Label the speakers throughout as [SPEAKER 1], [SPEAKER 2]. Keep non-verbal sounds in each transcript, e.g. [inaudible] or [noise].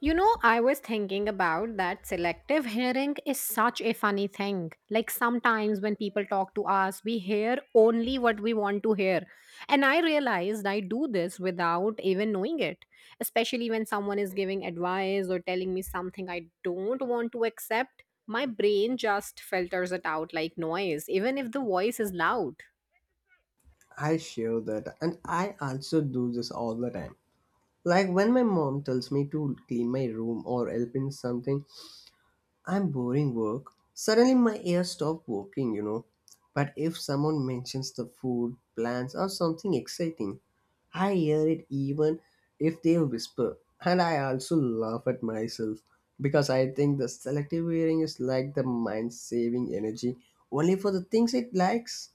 [SPEAKER 1] You know, I was thinking about that selective hearing is such a funny thing. Like sometimes when people talk to us, we hear only what we want to hear. And I realized I do this without even knowing it, especially when someone is giving advice or telling me something I don't want to accept. My brain just filters it out like noise, even if the voice is loud.
[SPEAKER 2] I share that, and I also do this all the time. Like when my mom tells me to clean my room or help in something, I'm boring work. Suddenly my ears stop working, But if someone mentions the food, plans, or something exciting, I hear it even if they whisper. And I also laugh at myself because I think the selective hearing is like the mind saving energy only for the things it likes.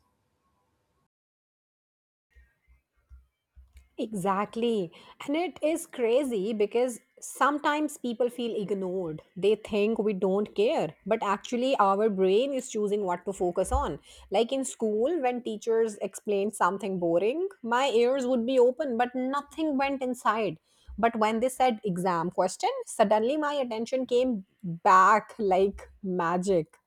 [SPEAKER 1] Exactly. And it is crazy because sometimes people feel ignored. They think we don't care, but actually, our brain is choosing what to focus on. Like in school, when teachers explained something boring, my ears would be open, but nothing went inside. But when they said exam question, suddenly my attention came back like magic.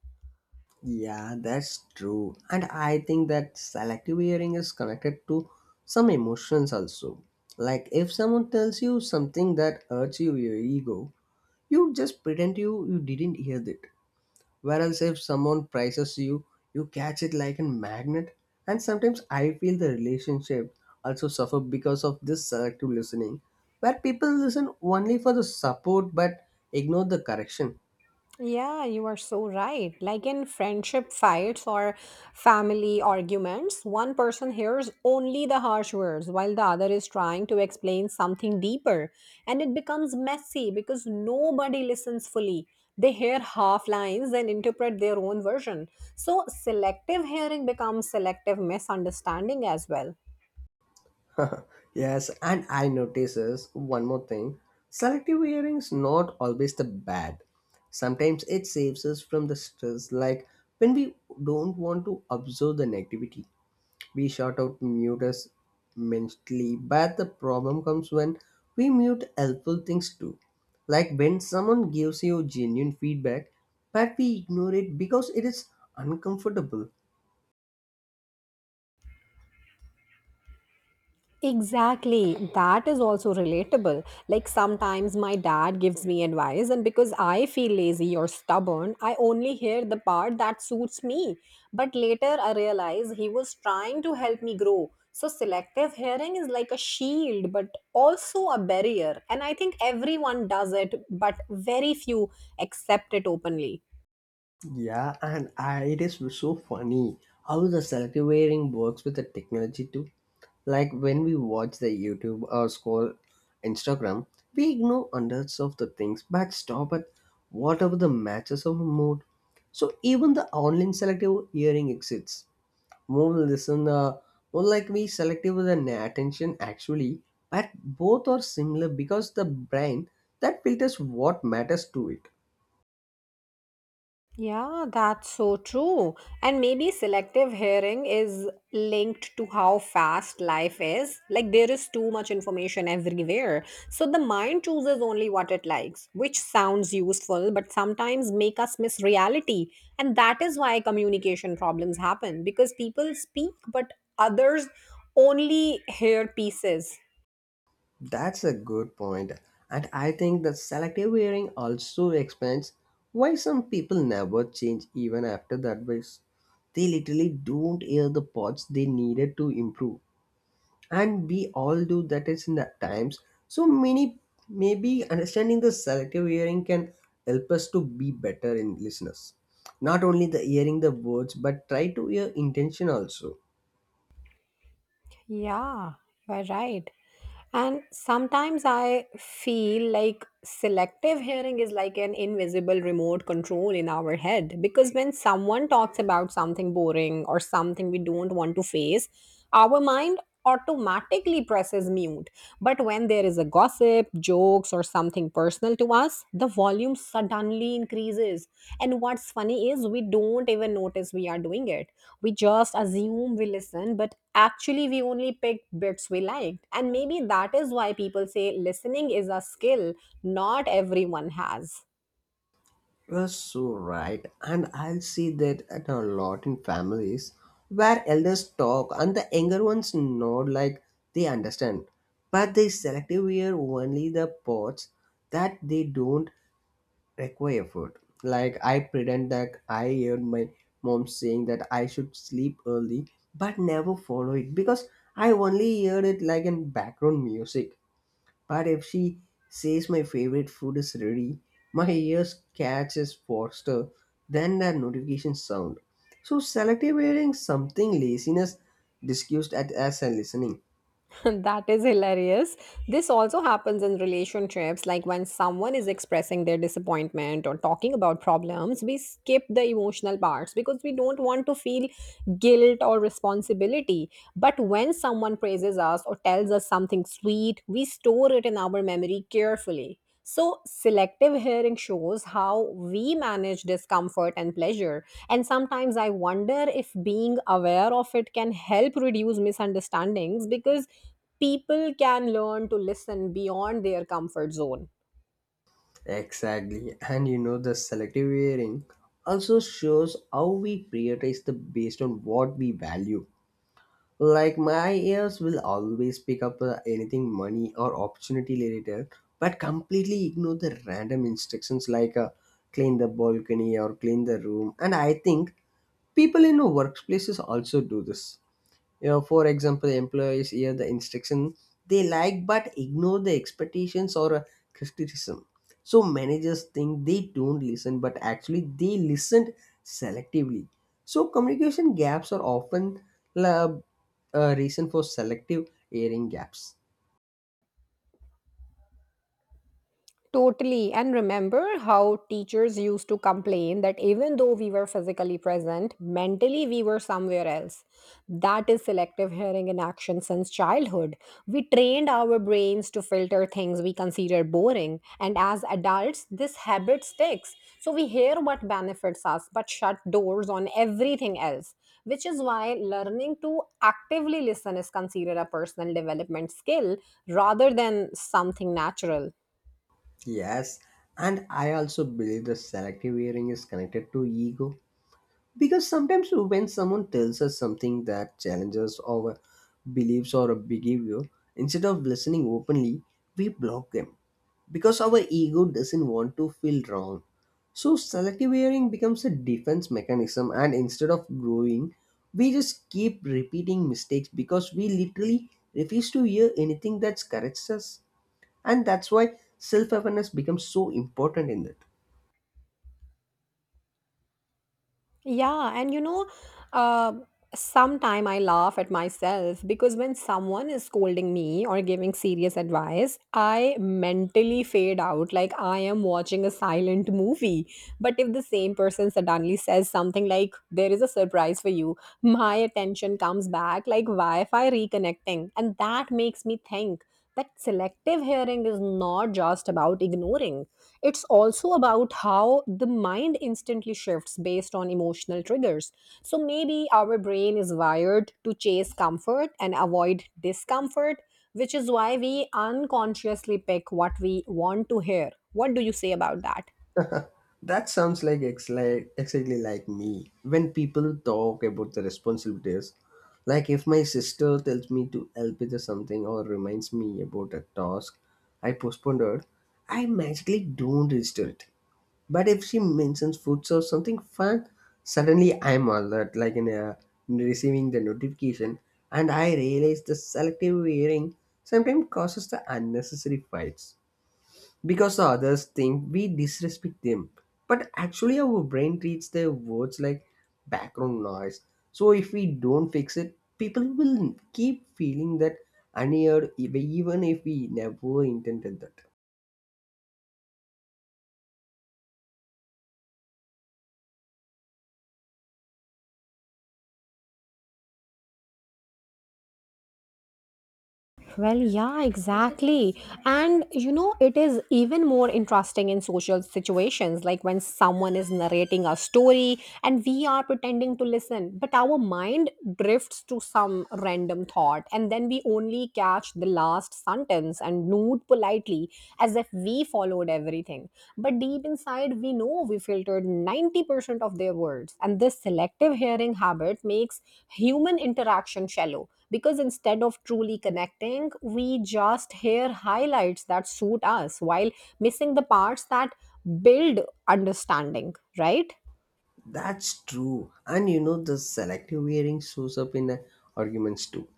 [SPEAKER 2] Yeah, that's true. And I think that selective hearing is connected to some emotions also. Like if someone tells you something that hurts you, your ego, you just pretend you didn't hear it. Whereas if someone praises you, you catch it like a magnet. And sometimes I feel the relationship also suffer because of this selective listening, where people listen only for the support but ignore the correction.
[SPEAKER 1] Yeah, you are so right. Like in friendship fights or family arguments, one person hears only the harsh words while the other is trying to explain something deeper. And it becomes messy because nobody listens fully. They hear half lines and interpret their own version. So selective hearing becomes selective misunderstanding as well.
[SPEAKER 2] [laughs] Yes, and I notices one more thing. Selective hearing is not always the bad. Sometimes it saves us from the stress, like when we don't want to observe the negativity. We shout out mute us mentally, but the problem comes when we mute helpful things too. Like when someone gives you genuine feedback, but we ignore it because it is uncomfortable.
[SPEAKER 1] Exactly. That is also relatable. Like sometimes my dad gives me advice, and because I feel lazy or stubborn, I only hear the part that suits me. But later I realize he was trying to help me grow. So selective hearing is like a shield, but also a barrier. And I think everyone does it, but very few accept it openly.
[SPEAKER 2] Yeah, and I, it is so funny how the selective wearing works with the technology too. Like when we watch the YouTube or scroll Instagram, we ignore hundreds of the things but stop at whatever the matches of mood. So even the online selective hearing exists. More listen, more like we selective with an attention actually, but both are similar because the brain that filters what matters to it.
[SPEAKER 1] Yeah, that's so true. And maybe selective hearing is linked to how fast life is. Like, there is too much information everywhere. So, the mind chooses only what it likes, which sounds useful, but sometimes make us miss reality. And that is why communication problems happen because people speak, but others only hear pieces.
[SPEAKER 2] That's a good point. And I think the selective hearing also explains why some people never change even after the advice. They literally don't hear the parts they needed to improve. And we all do that is in the times. So many maybe understanding the selective hearing can help us to be better in listeners. Not only the hearing the words but try to hear intention also.
[SPEAKER 1] Yeah, you're right. And sometimes I feel like selective hearing is like an invisible remote control in our head because when someone talks about something boring or something we don't want to face, our mind automatically presses mute. But when there is a gossip, jokes, or something personal to us, the volume suddenly increases. And what's funny is we don't even notice we are doing it. We just assume we listen, but actually, we only pick bits we liked. And maybe that is why people say listening is a skill not everyone has.
[SPEAKER 2] You're so right, and I see that at a lot in families where elders talk and the younger ones nod like they understand, but they selectively hear only the parts that they don't require effort. Like I pretend that I heard my mom saying that I should sleep early, but never follow it because I only heard it like in background music. But if she says my favorite food is ready, my ears catches faster than that notification sound. So selective hearing something laziness discussed at as a listening.
[SPEAKER 1] [laughs] That is hilarious. This also happens in relationships, like when someone is expressing their disappointment or talking about problems, we skip the emotional parts because we don't want to feel guilt or responsibility. But when someone praises us or tells us something sweet, we store it in our memory carefully. So, selective hearing shows how we manage discomfort and pleasure. And sometimes I wonder if being aware of it can help reduce misunderstandings because people can learn to listen beyond their comfort zone.
[SPEAKER 2] Exactly. And you know the selective hearing also shows how we prioritize the based on what we value. Like my ears will always pick up anything money or opportunity related, but completely ignore the random instructions like clean the balcony or clean the room. And I think people in workplaces also do this, you know, for example employees hear the instruction they like but ignore the expectations or criticism, so managers think they don't listen but actually they listened selectively, so communication gaps are often uh, a reason for selective hearing gaps.
[SPEAKER 1] Totally. And remember how teachers used to complain that even though we were physically present, mentally we were somewhere else. That is selective hearing in action since childhood. We trained our brains to filter things we consider boring. And as adults, this habit sticks. So we hear what benefits us but shut doors on everything else, which is why learning to actively listen is considered a personal development skill rather than something natural.
[SPEAKER 2] Yes, and I also believe the selective hearing is connected to ego. Because sometimes when someone tells us something that challenges our beliefs or a behavior, instead of listening openly, we block them because our ego doesn't want to feel wrong. So selective hearing becomes a defense mechanism, and instead of growing, we just keep repeating mistakes because we literally refuse to hear anything that corrects us, and that's why self awareness becomes so important in that.
[SPEAKER 1] Yeah, and you know, uh, sometime I laugh at myself because when someone is scolding me or giving serious advice, I mentally fade out like I am watching a silent movie. But if the same person suddenly says something like, "There is a surprise for you," my attention comes back like Wi Fi reconnecting, and that makes me think that selective hearing is not just about ignoring, it's also about how the mind instantly shifts based on emotional triggers. So maybe our brain is wired to chase comfort and avoid discomfort, which is why we unconsciously pick what we want to hear. What do you say about that?
[SPEAKER 2] That sounds like exactly like me. When people talk about the responsibilities, like if my sister tells me to help with something or reminds me about a task I postponed it, I magically don't resist it. But if she mentions foods or something fun, suddenly I'm alert, like in receiving the notification, and I realize the selective hearing sometimes causes the unnecessary fights because the others think we disrespect them. But actually, our brain treats their words like background noise. So if we don't fix it, people will keep feeling that unheard, even if we never intended that.
[SPEAKER 1] Well, yeah, exactly. And you know, it is even more interesting in social situations, like when someone is narrating a story and we are pretending to listen, but our mind drifts to some random thought, and then we only catch the last sentence and nod politely as if we followed everything. But deep inside, we know we filtered 90% of their words, and this selective hearing habit makes human interaction shallow because instead of truly connecting, we just hear highlights that suit us while missing the parts that build understanding, right?
[SPEAKER 2] That's true. And you know, the selective hearing shows up in arguments too.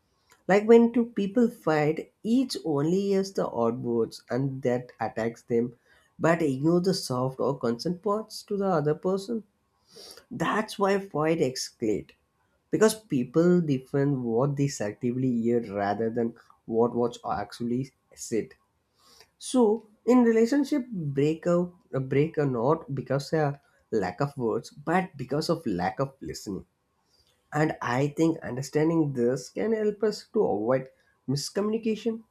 [SPEAKER 2] Like when two people fight, each only hears the odd words and that attacks them, but ignore the soft or consent parts to the other person. That's why fight escalate because people defend what they actively hear rather than what was actually said. So in relationship breakup, a break or not because a lack of words, but because of lack of listening. And I think understanding this can help us to avoid miscommunication.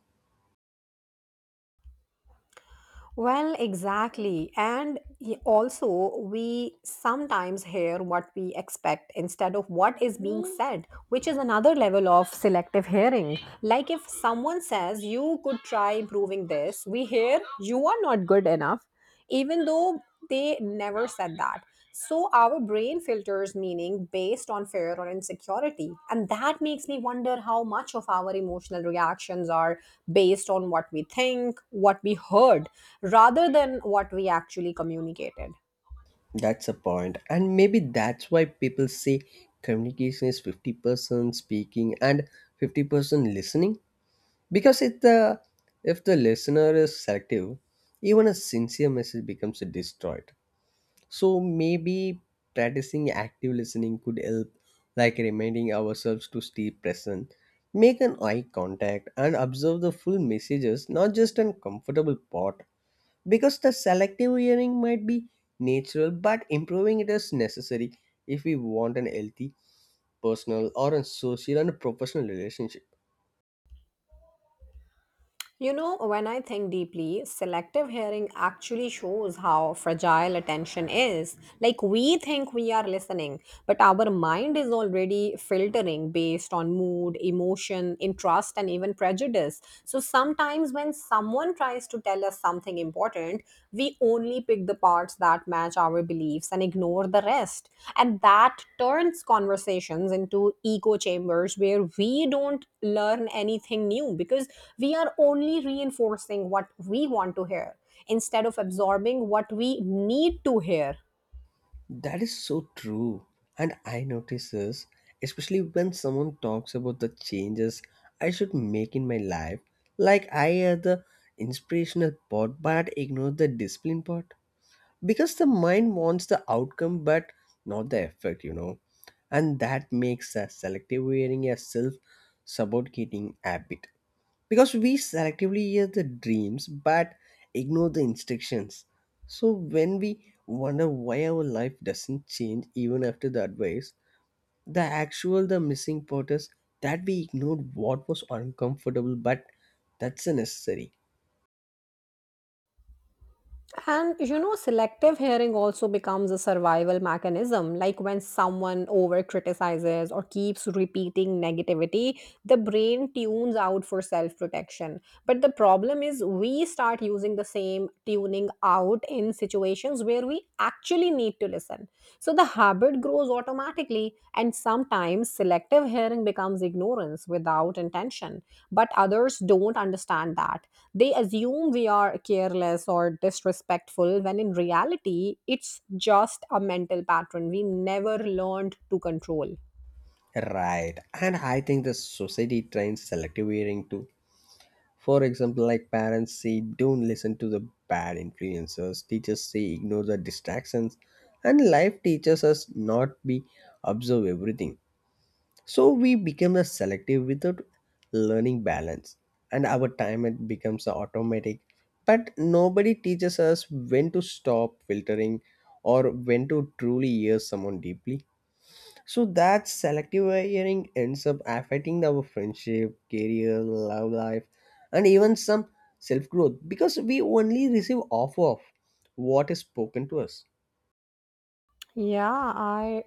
[SPEAKER 1] Well, exactly. And also, we sometimes hear what we expect instead of what is being said, which is another level of selective hearing. Like if someone says, "You could try improving this," we hear, "You are not good enough," even though they never said that. So our brain filters meaning based on fear or insecurity. And that makes me wonder how much of our emotional reactions are based on what we think, what we heard, rather than what we actually communicated.
[SPEAKER 2] That's a point, and maybe that's why people say communication is 50% speaking and 50% listening. Because if the listener is selective, even a sincere message becomes destroyed. So maybe practicing active listening could help, like reminding ourselves to stay present, make an eye contact, and observe the full messages, not just an comfortable part. Because the selective hearing might be natural, but improving it is necessary if we want an healthy personal or a social and professional relationship.
[SPEAKER 1] You know, when I think deeply, selective hearing actually shows how fragile attention is. Like, we think we are listening, but our mind is already filtering based on mood, emotion, interest, and even prejudice. So, sometimes when someone tries to tell us something important, different, we only pick the parts that match our beliefs and ignore the rest. And that turns conversations into echo chambers where we don't learn anything new because we are only reinforcing what we want to hear instead of absorbing what we need to hear.
[SPEAKER 2] That is so true. And I notice this, especially when someone talks about the changes I should make in my life. Like I hear the inspirational part but ignore the discipline part. Because the mind wants the outcome but not the effort. And that makes a selective wearing a self-suffocating habit because we selectively hear the dreams but ignore the instructions, so when we wonder why our life doesn't change even after the advice, the actual the missing part is that we ignored what was uncomfortable but that's a necessary.
[SPEAKER 1] And you know, selective hearing also becomes a survival mechanism. Like when someone over criticizes or keeps repeating negativity, the brain tunes out for self protection. But the problem is, we start using the same tuning out in situations where we actually need to listen. So the habit grows automatically, and sometimes selective hearing becomes ignorance without intention. But others don't understand that. They assume we are careless or disrespectful when in reality, it's just a mental pattern we never learned to control.
[SPEAKER 2] Right, and I think the society trains selective hearing too. For example, like parents say, don't listen to the bad influencers, teachers say, ignore the distractions, and life teaches us not be observe everything. So we become a selective without learning balance, and our time it becomes a automatic. But nobody teaches us when to stop filtering or when to truly hear someone deeply. So that selective hearing ends up affecting our friendship, career, love life, and even some self growth because we only receive off of what is spoken to us.
[SPEAKER 1] Yeah, I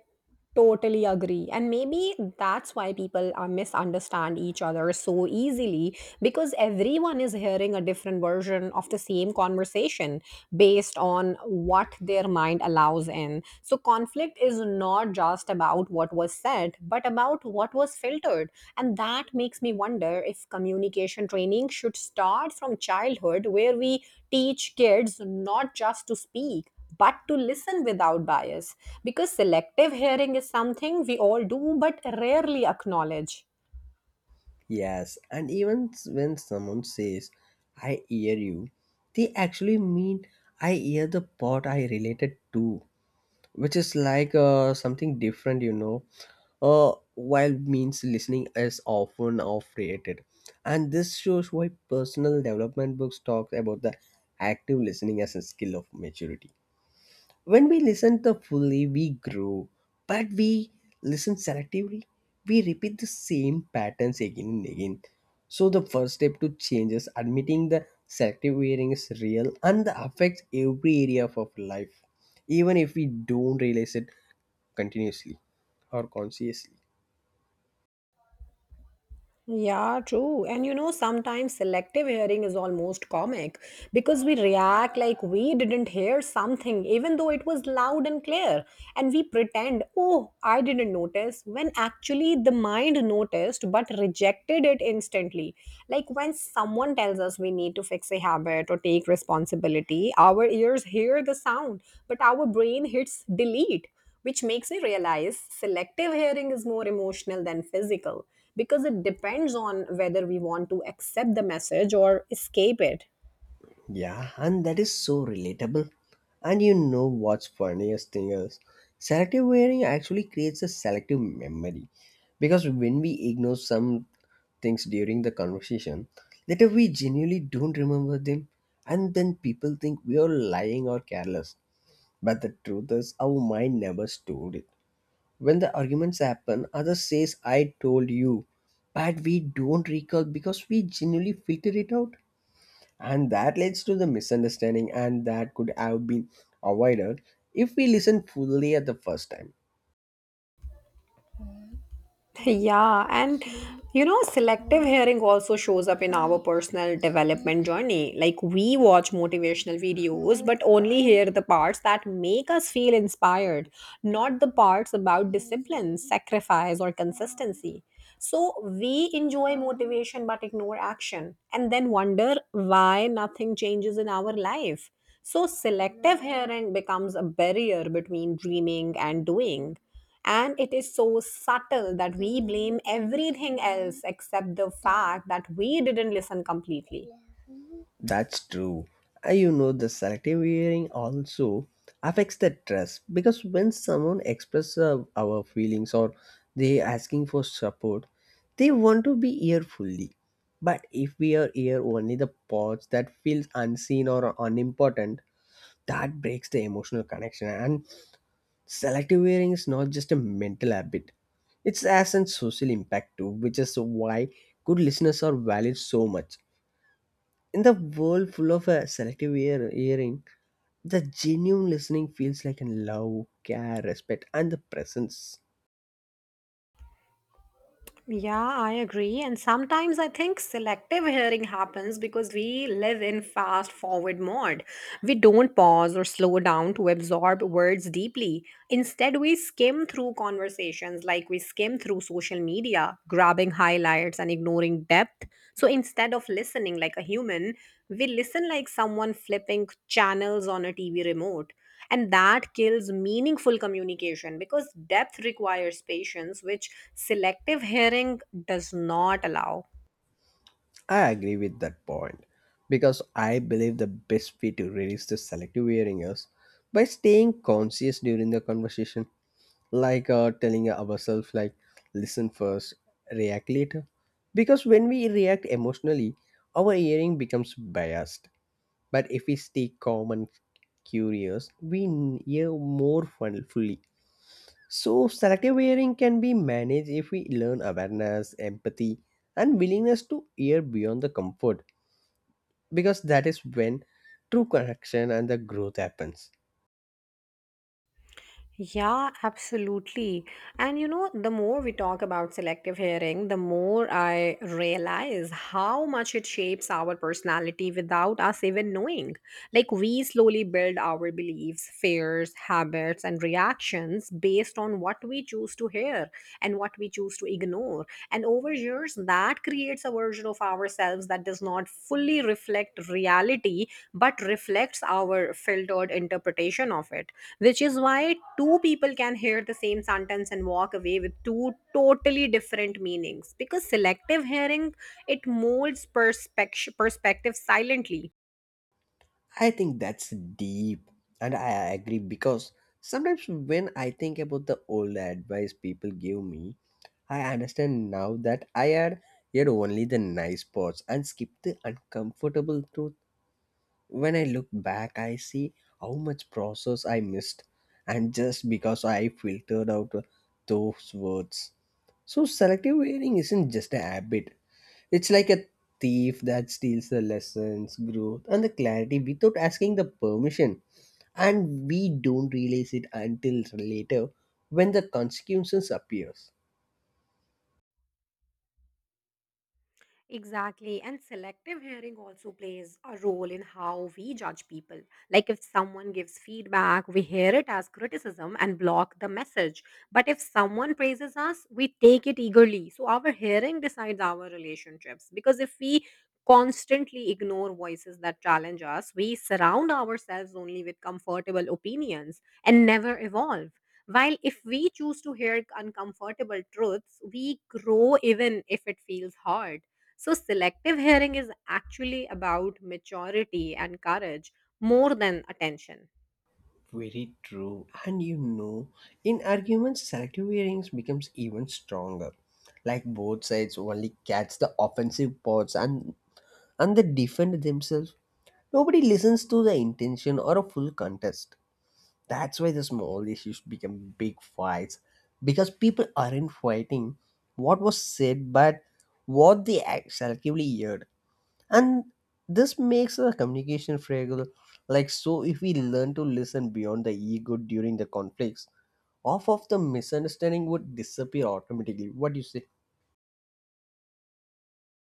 [SPEAKER 1] totally agree. And maybe that's why people misunderstand each other so easily because everyone is hearing a different version of the same conversation based on what their mind allows in. So, conflict is not just about what was said, but about what was filtered. And that makes me wonder if communication training should start from childhood, where we teach kids not just to speak, but to listen without bias. Because selective hearing is something we all do but rarely acknowledge.
[SPEAKER 2] Yes, and even when someone says, I hear you, they actually mean I hear the part I related to. Which is like something different. While means listening is often off-rated, and this shows why personal development books talk about the active listening as a skill of maturity. When we listen to fully we grow, but we listen selectively, we repeat the same patterns again and again. So the first step to change is admitting the selective hearing is real and that affects every area of our life, even if we don't realize it continuously or consciously.
[SPEAKER 1] Yeah, true. And you know, sometimes selective hearing is almost comic because we react like we didn't hear something, even though it was loud and clear. And we pretend, "Oh, I didn't notice," when actually the mind noticed but rejected it instantly. Like when someone tells us we need to fix a habit or take responsibility, our ears hear the sound, but our brain hits delete, which makes me realize selective hearing is more emotional than physical because it depends on whether we want to accept the message or escape it.
[SPEAKER 2] Yeah, and that is so relatable. And you know what's funniest thing is selective wearing actually creates a selective memory, because when we ignore some things during the conversation, later we genuinely don't remember them, and then people think we are lying or careless. But the truth is, our mind never stored it. When the arguments happen, others says, "I told you," but we don't recall because we genuinely figured it out, and that leads to the misunderstanding and that could have been avoided if we listen fully at the first time.
[SPEAKER 1] Yeah, and you know, selective hearing also shows up in our personal development journey. Like, we watch motivational videos, but only hear the parts that make us feel inspired, not the parts about discipline, sacrifice, or consistency. So, we enjoy motivation but ignore action, and then wonder why nothing changes in our life. So, selective hearing becomes a barrier between dreaming and doing. And it is so subtle that we blame everything else except the fact that we didn't listen completely.
[SPEAKER 2] That's true. You know the selective hearing also affects the trust because when someone expresses our feelings or they asking for support, they want to be here fully, but if we are here only the parts that feels unseen or unimportant, that breaks the emotional connection. And selective wearing is not just a mental habit, it has a social impact too, which is why good listeners are valued so much. In the world full of hearing, the genuine listening feels like a love, care, respect, and the presence.
[SPEAKER 1] Yeah, I agree. And sometimes I think selective hearing happens because we live in fast forward mode. We don't pause or slow down to absorb words deeply. Instead, we skim through conversations like we skim through social media, grabbing highlights and ignoring depth. So instead of listening like a human, we listen like someone flipping channels on a TV remote, and that kills meaningful communication because depth requires patience, which selective hearing does not allow.
[SPEAKER 2] I agree with that point because I believe the best way to release the selective hearing is by staying conscious during the conversation, like telling ourselves like listen first, react later, because when we react emotionally our hearing becomes biased, but if we stay calm and curious we hear fully. So selective hearing can be managed if we learn awareness empathy and willingness to hear beyond the comfort, because that is when true connection and the growth happens.
[SPEAKER 1] Yeah, absolutely. And you know, the more we talk about selective hearing, the more I realize how much it shapes our personality without us even knowing. Like we slowly build our beliefs, fears, habits, and reactions based on what we choose to hear and what we choose to ignore more. And over years, that creates a version of ourselves that does not fully reflect reality, but reflects our filtered interpretation of it, which is why two people can hear the same sentence and walk away with two totally different meanings, because selective hearing, it molds perspective silently.
[SPEAKER 2] I think that's deep, and I agree because sometimes when I think about the old advice people give me, I understand now that I had heard only the nice parts and skipped the uncomfortable truth. When I look back, I see how much process I missed, and just because I filtered out those words. So, selective hearing isn't just a habit, it's like a thief that steals the lessons, growth, and the clarity without asking the permission. And we don't realize it until later when the consequences appears.
[SPEAKER 1] Exactly. And selective hearing also plays a role in how we judge people. Like if someone gives feedback, we hear it as criticism and block the message. But if someone praises us, we take it eagerly. So our hearing decides our relationships. Because if we constantly ignore voices that challenge us, we surround ourselves only with comfortable opinions and never evolve. While if we choose to hear uncomfortable truths, we grow even if it feels hard. So, selective hearing is actually about maturity and courage more than attention.
[SPEAKER 2] Very true. And you know, in arguments, selective hearings becomes even stronger. Like both sides only catch the offensive parts and they defend themselves. Nobody listens to the intention or a full contest. That's why the small issues become big fights because people aren't fighting what was said but what they selectively heard. And this makes the communication fragile. So if we learn to listen beyond the ego during the conflicts, half of the misunderstanding would disappear automatically. What do you say?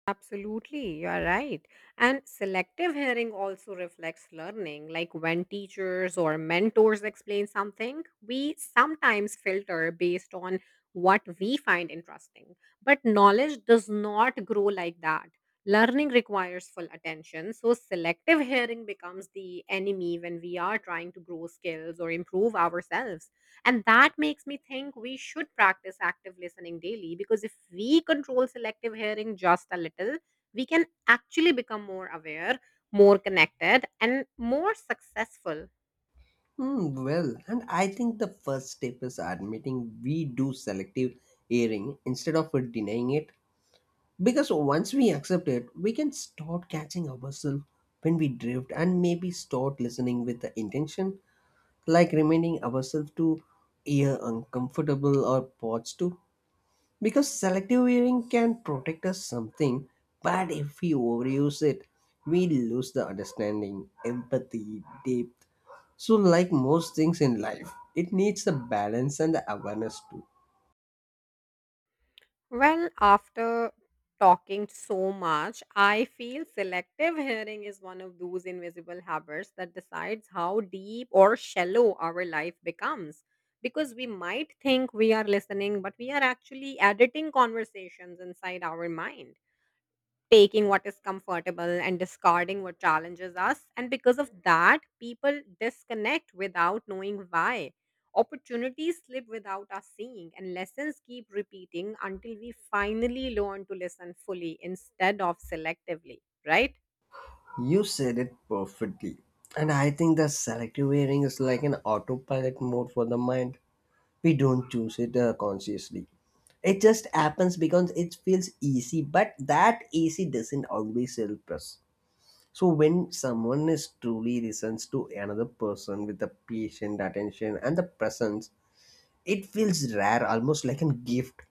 [SPEAKER 1] Absolutely, you are right. And selective hearing also reflects learning. Like when teachers or mentors explain something, we sometimes filter based on what we find interesting. But knowledge does not grow like that. Learning requires full attention. So, selective hearing becomes the enemy when we are trying to grow skills or improve ourselves. And that makes me think we should practice active listening daily because if we control selective hearing just a little, we can actually become more aware, more connected, and more successful.
[SPEAKER 2] Well, and I think the first step is admitting we do selective hearing instead of denying it. Because once we accept it, we can start catching ourselves when we drift and maybe start listening with the intention, like reminding ourselves to hear uncomfortable or parts too. Because selective hearing can protect us something, but if we overuse it, we lose the understanding, empathy, depth. So, like most things in life, it needs the balance and the awareness too.
[SPEAKER 1] Well, after talking so much, I feel selective hearing is one of those invisible habits that decides how deep or shallow our life becomes. Because we might think we are listening, but we are actually editing conversations inside our mind, taking what is comfortable and discarding what challenges us. And because of that, people disconnect without knowing why. Opportunities slip without us seeing, and lessons keep repeating until we finally learn to listen fully instead of selectively, right?
[SPEAKER 2] You said it perfectly. And I think the selective hearing is like an autopilot mode for the mind. We don't choose it consciously. It just happens because it feels easy, but that easy doesn't always help us. So when someone is truly listens to another person with the patient attention and the presence, it feels rare, almost like a gift.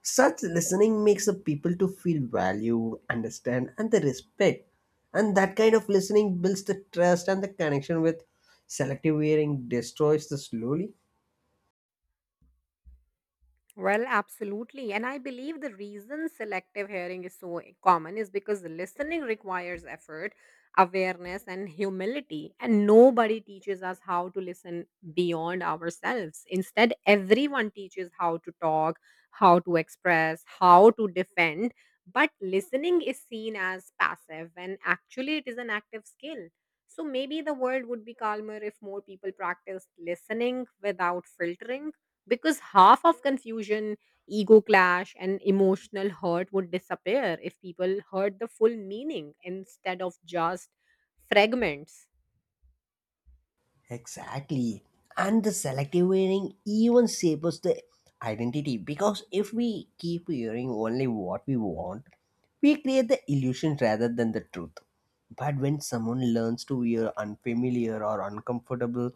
[SPEAKER 2] Such listening makes the people to feel valued, understand, and the respect. And that kind of listening builds the trust and the connection with selective hearing destroys the slowly.
[SPEAKER 1] Well, absolutely. And I believe the reason selective hearing is so common is because listening requires effort, awareness, and humility. And nobody teaches us how to listen beyond ourselves. Instead, everyone teaches how to talk, how to express, how to defend. But listening is seen as passive, and actually, it is an active skill. So maybe the world would be calmer if more people practiced listening without filtering because half of confusion, ego clash, and emotional hurt would disappear if people heard the full meaning instead of just fragments.
[SPEAKER 2] Exactly. And the selective hearing even shapes the identity because if we keep hearing only what we want, we create the illusion rather than the truth. But when someone learns to hear unfamiliar or uncomfortable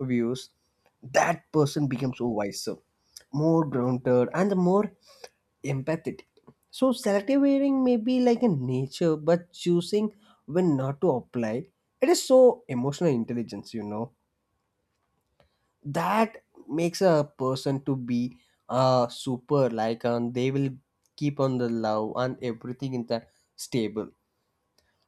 [SPEAKER 2] views, that person becomes so wiser, more grounded, and the more empathetic. So selective hearing may be like a nature, but choosing when not to apply, it is so emotional intelligence, you know. That makes a person to be super like, and they will keep on the love and everything in the stable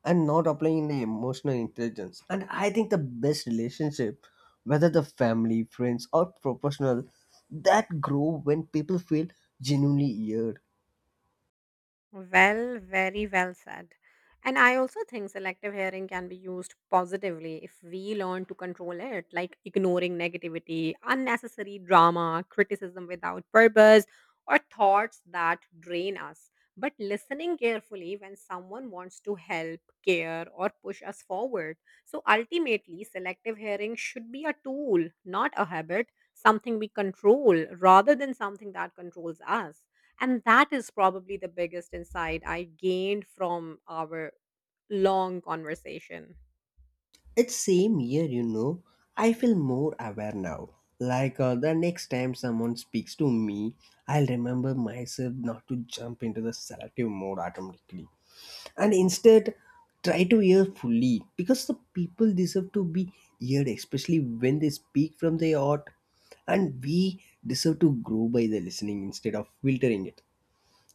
[SPEAKER 2] and not applying the emotional intelligence. And I think the best relationship, whether the family, friends, or professional, that grow when people feel genuinely heard.
[SPEAKER 1] Well, very well said. And I also think selective hearing can be used positively if we learn to control it, like ignoring negativity, unnecessary drama, criticism without purpose, or thoughts that drain us. But listening carefully when someone wants to help, care, or push us forward. So ultimately, selective hearing should be a tool, not a habit, something we control rather than something that controls us. And that is probably the biggest insight I gained from our long conversation.
[SPEAKER 2] It's same year, you know. I feel more aware now. Like the next time someone speaks to me, I'll remember myself not to jump into the selective mode automatically, and instead try to hear fully because the people deserve to be heard, especially when they speak from their heart, and we deserve to grow by the listening instead of filtering it.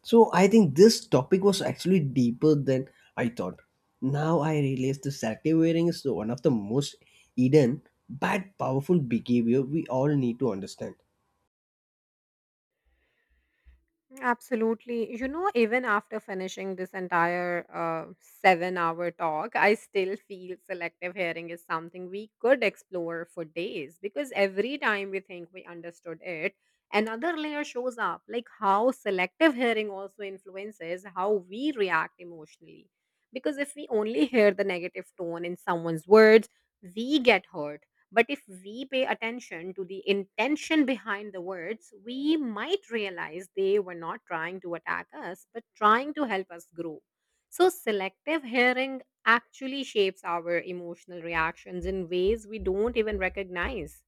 [SPEAKER 2] So I think this topic was actually deeper than I thought. Now I realize the selective wearing is one of the most hidden but powerful behavior we all need to understand.
[SPEAKER 1] Absolutely. You know, even after finishing this entire 7 hour talk, I still feel selective hearing is something we could explore for days because every time we think we understood it, another layer shows up, like how selective hearing also influences how we react emotionally. Because if we only hear the negative tone in someone's words, we get hurt, but if we pay attention to the intention behind the words, we might realize they were not trying to attack us, but trying to help us grow. So, selective hearing actually shapes our emotional reactions in ways we don't even recognize.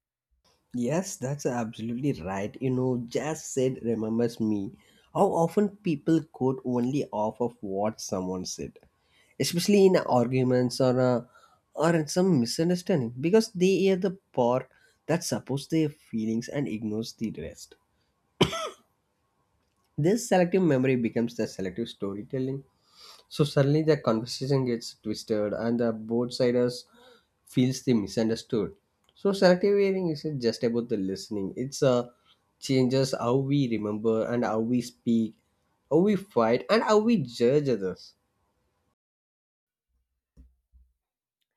[SPEAKER 2] Yes, that's absolutely right. You know, jazz said remembers me. How often people quote only off of what someone said, especially in arguments or in some misunderstanding, because they hear the part that supports their feelings and ignores the rest. This selective memory becomes the selective storytelling, so suddenly the conversation gets twisted and the both siders feels they misunderstood. So selective hearing isn't just about the listening. It's changes how we remember and how we speak, how we fight and how we judge others.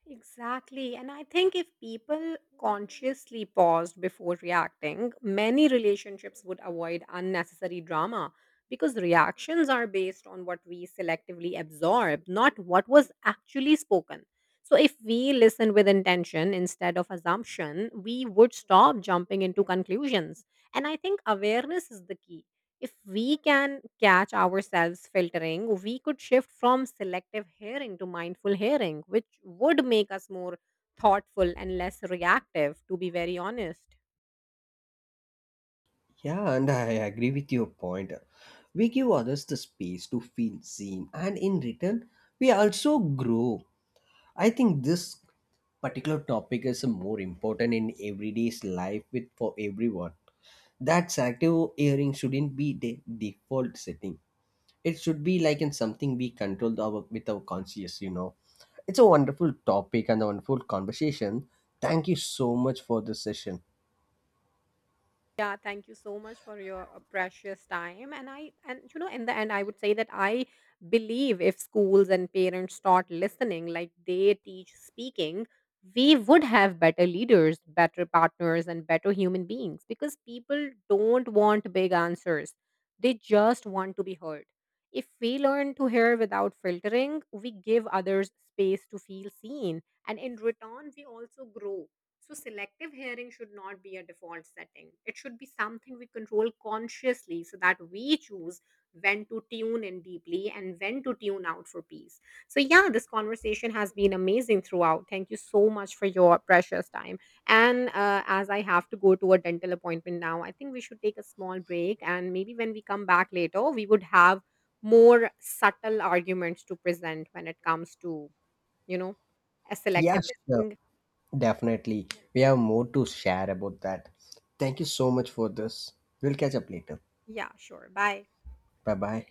[SPEAKER 1] Exactly. And I think if people consciously paused before reacting, many relationships would avoid unnecessary drama because reactions are based on what we selectively absorb, not what was actually spoken. So if we listen with intention instead of assumption, we would stop jumping into conclusions. And I think awareness is the key. If we can catch ourselves filtering, we could shift from selective hearing to mindful hearing, which would make us more thoughtful and less reactive, to be very honest.
[SPEAKER 2] Yeah, and I agree with your point. We give others the space to feel seen and in return we also grow. I think this particular topic is more important in everyday's life with for everyone. That's active hearing shouldn't be the default setting. It should be like in something we control our, with our conscious, you know. It's a wonderful topic and a wonderful conversation. Thank you so much for this session.
[SPEAKER 1] Yeah, thank you so much for your precious time. And you know, in the end, I would say that I believe if schools and parents start listening like they teach speaking, we would have better leaders, better partners, and better human beings because people don't want big answers. They just want to be heard. If we learn to hear without filtering, we give others space to feel seen. And in return, we also grow. So, selective hearing should not be a default setting. It should be something we control consciously so that we choose when to tune in deeply and when to tune out for peace. So, yeah, this conversation has been amazing throughout. Thank you so much for your precious time. And as I have to go to a dental appointment now, I think we should take a small break. And maybe when we come back later, we would have more subtle arguments to present when it comes to, you know, a
[SPEAKER 2] Yeah,
[SPEAKER 1] selective
[SPEAKER 2] sure.
[SPEAKER 1] listening.
[SPEAKER 2] Definitely. We have more to share about that. Thank you so much for this. We'll catch up later.
[SPEAKER 1] Yeah, sure. Bye.
[SPEAKER 2] Bye bye.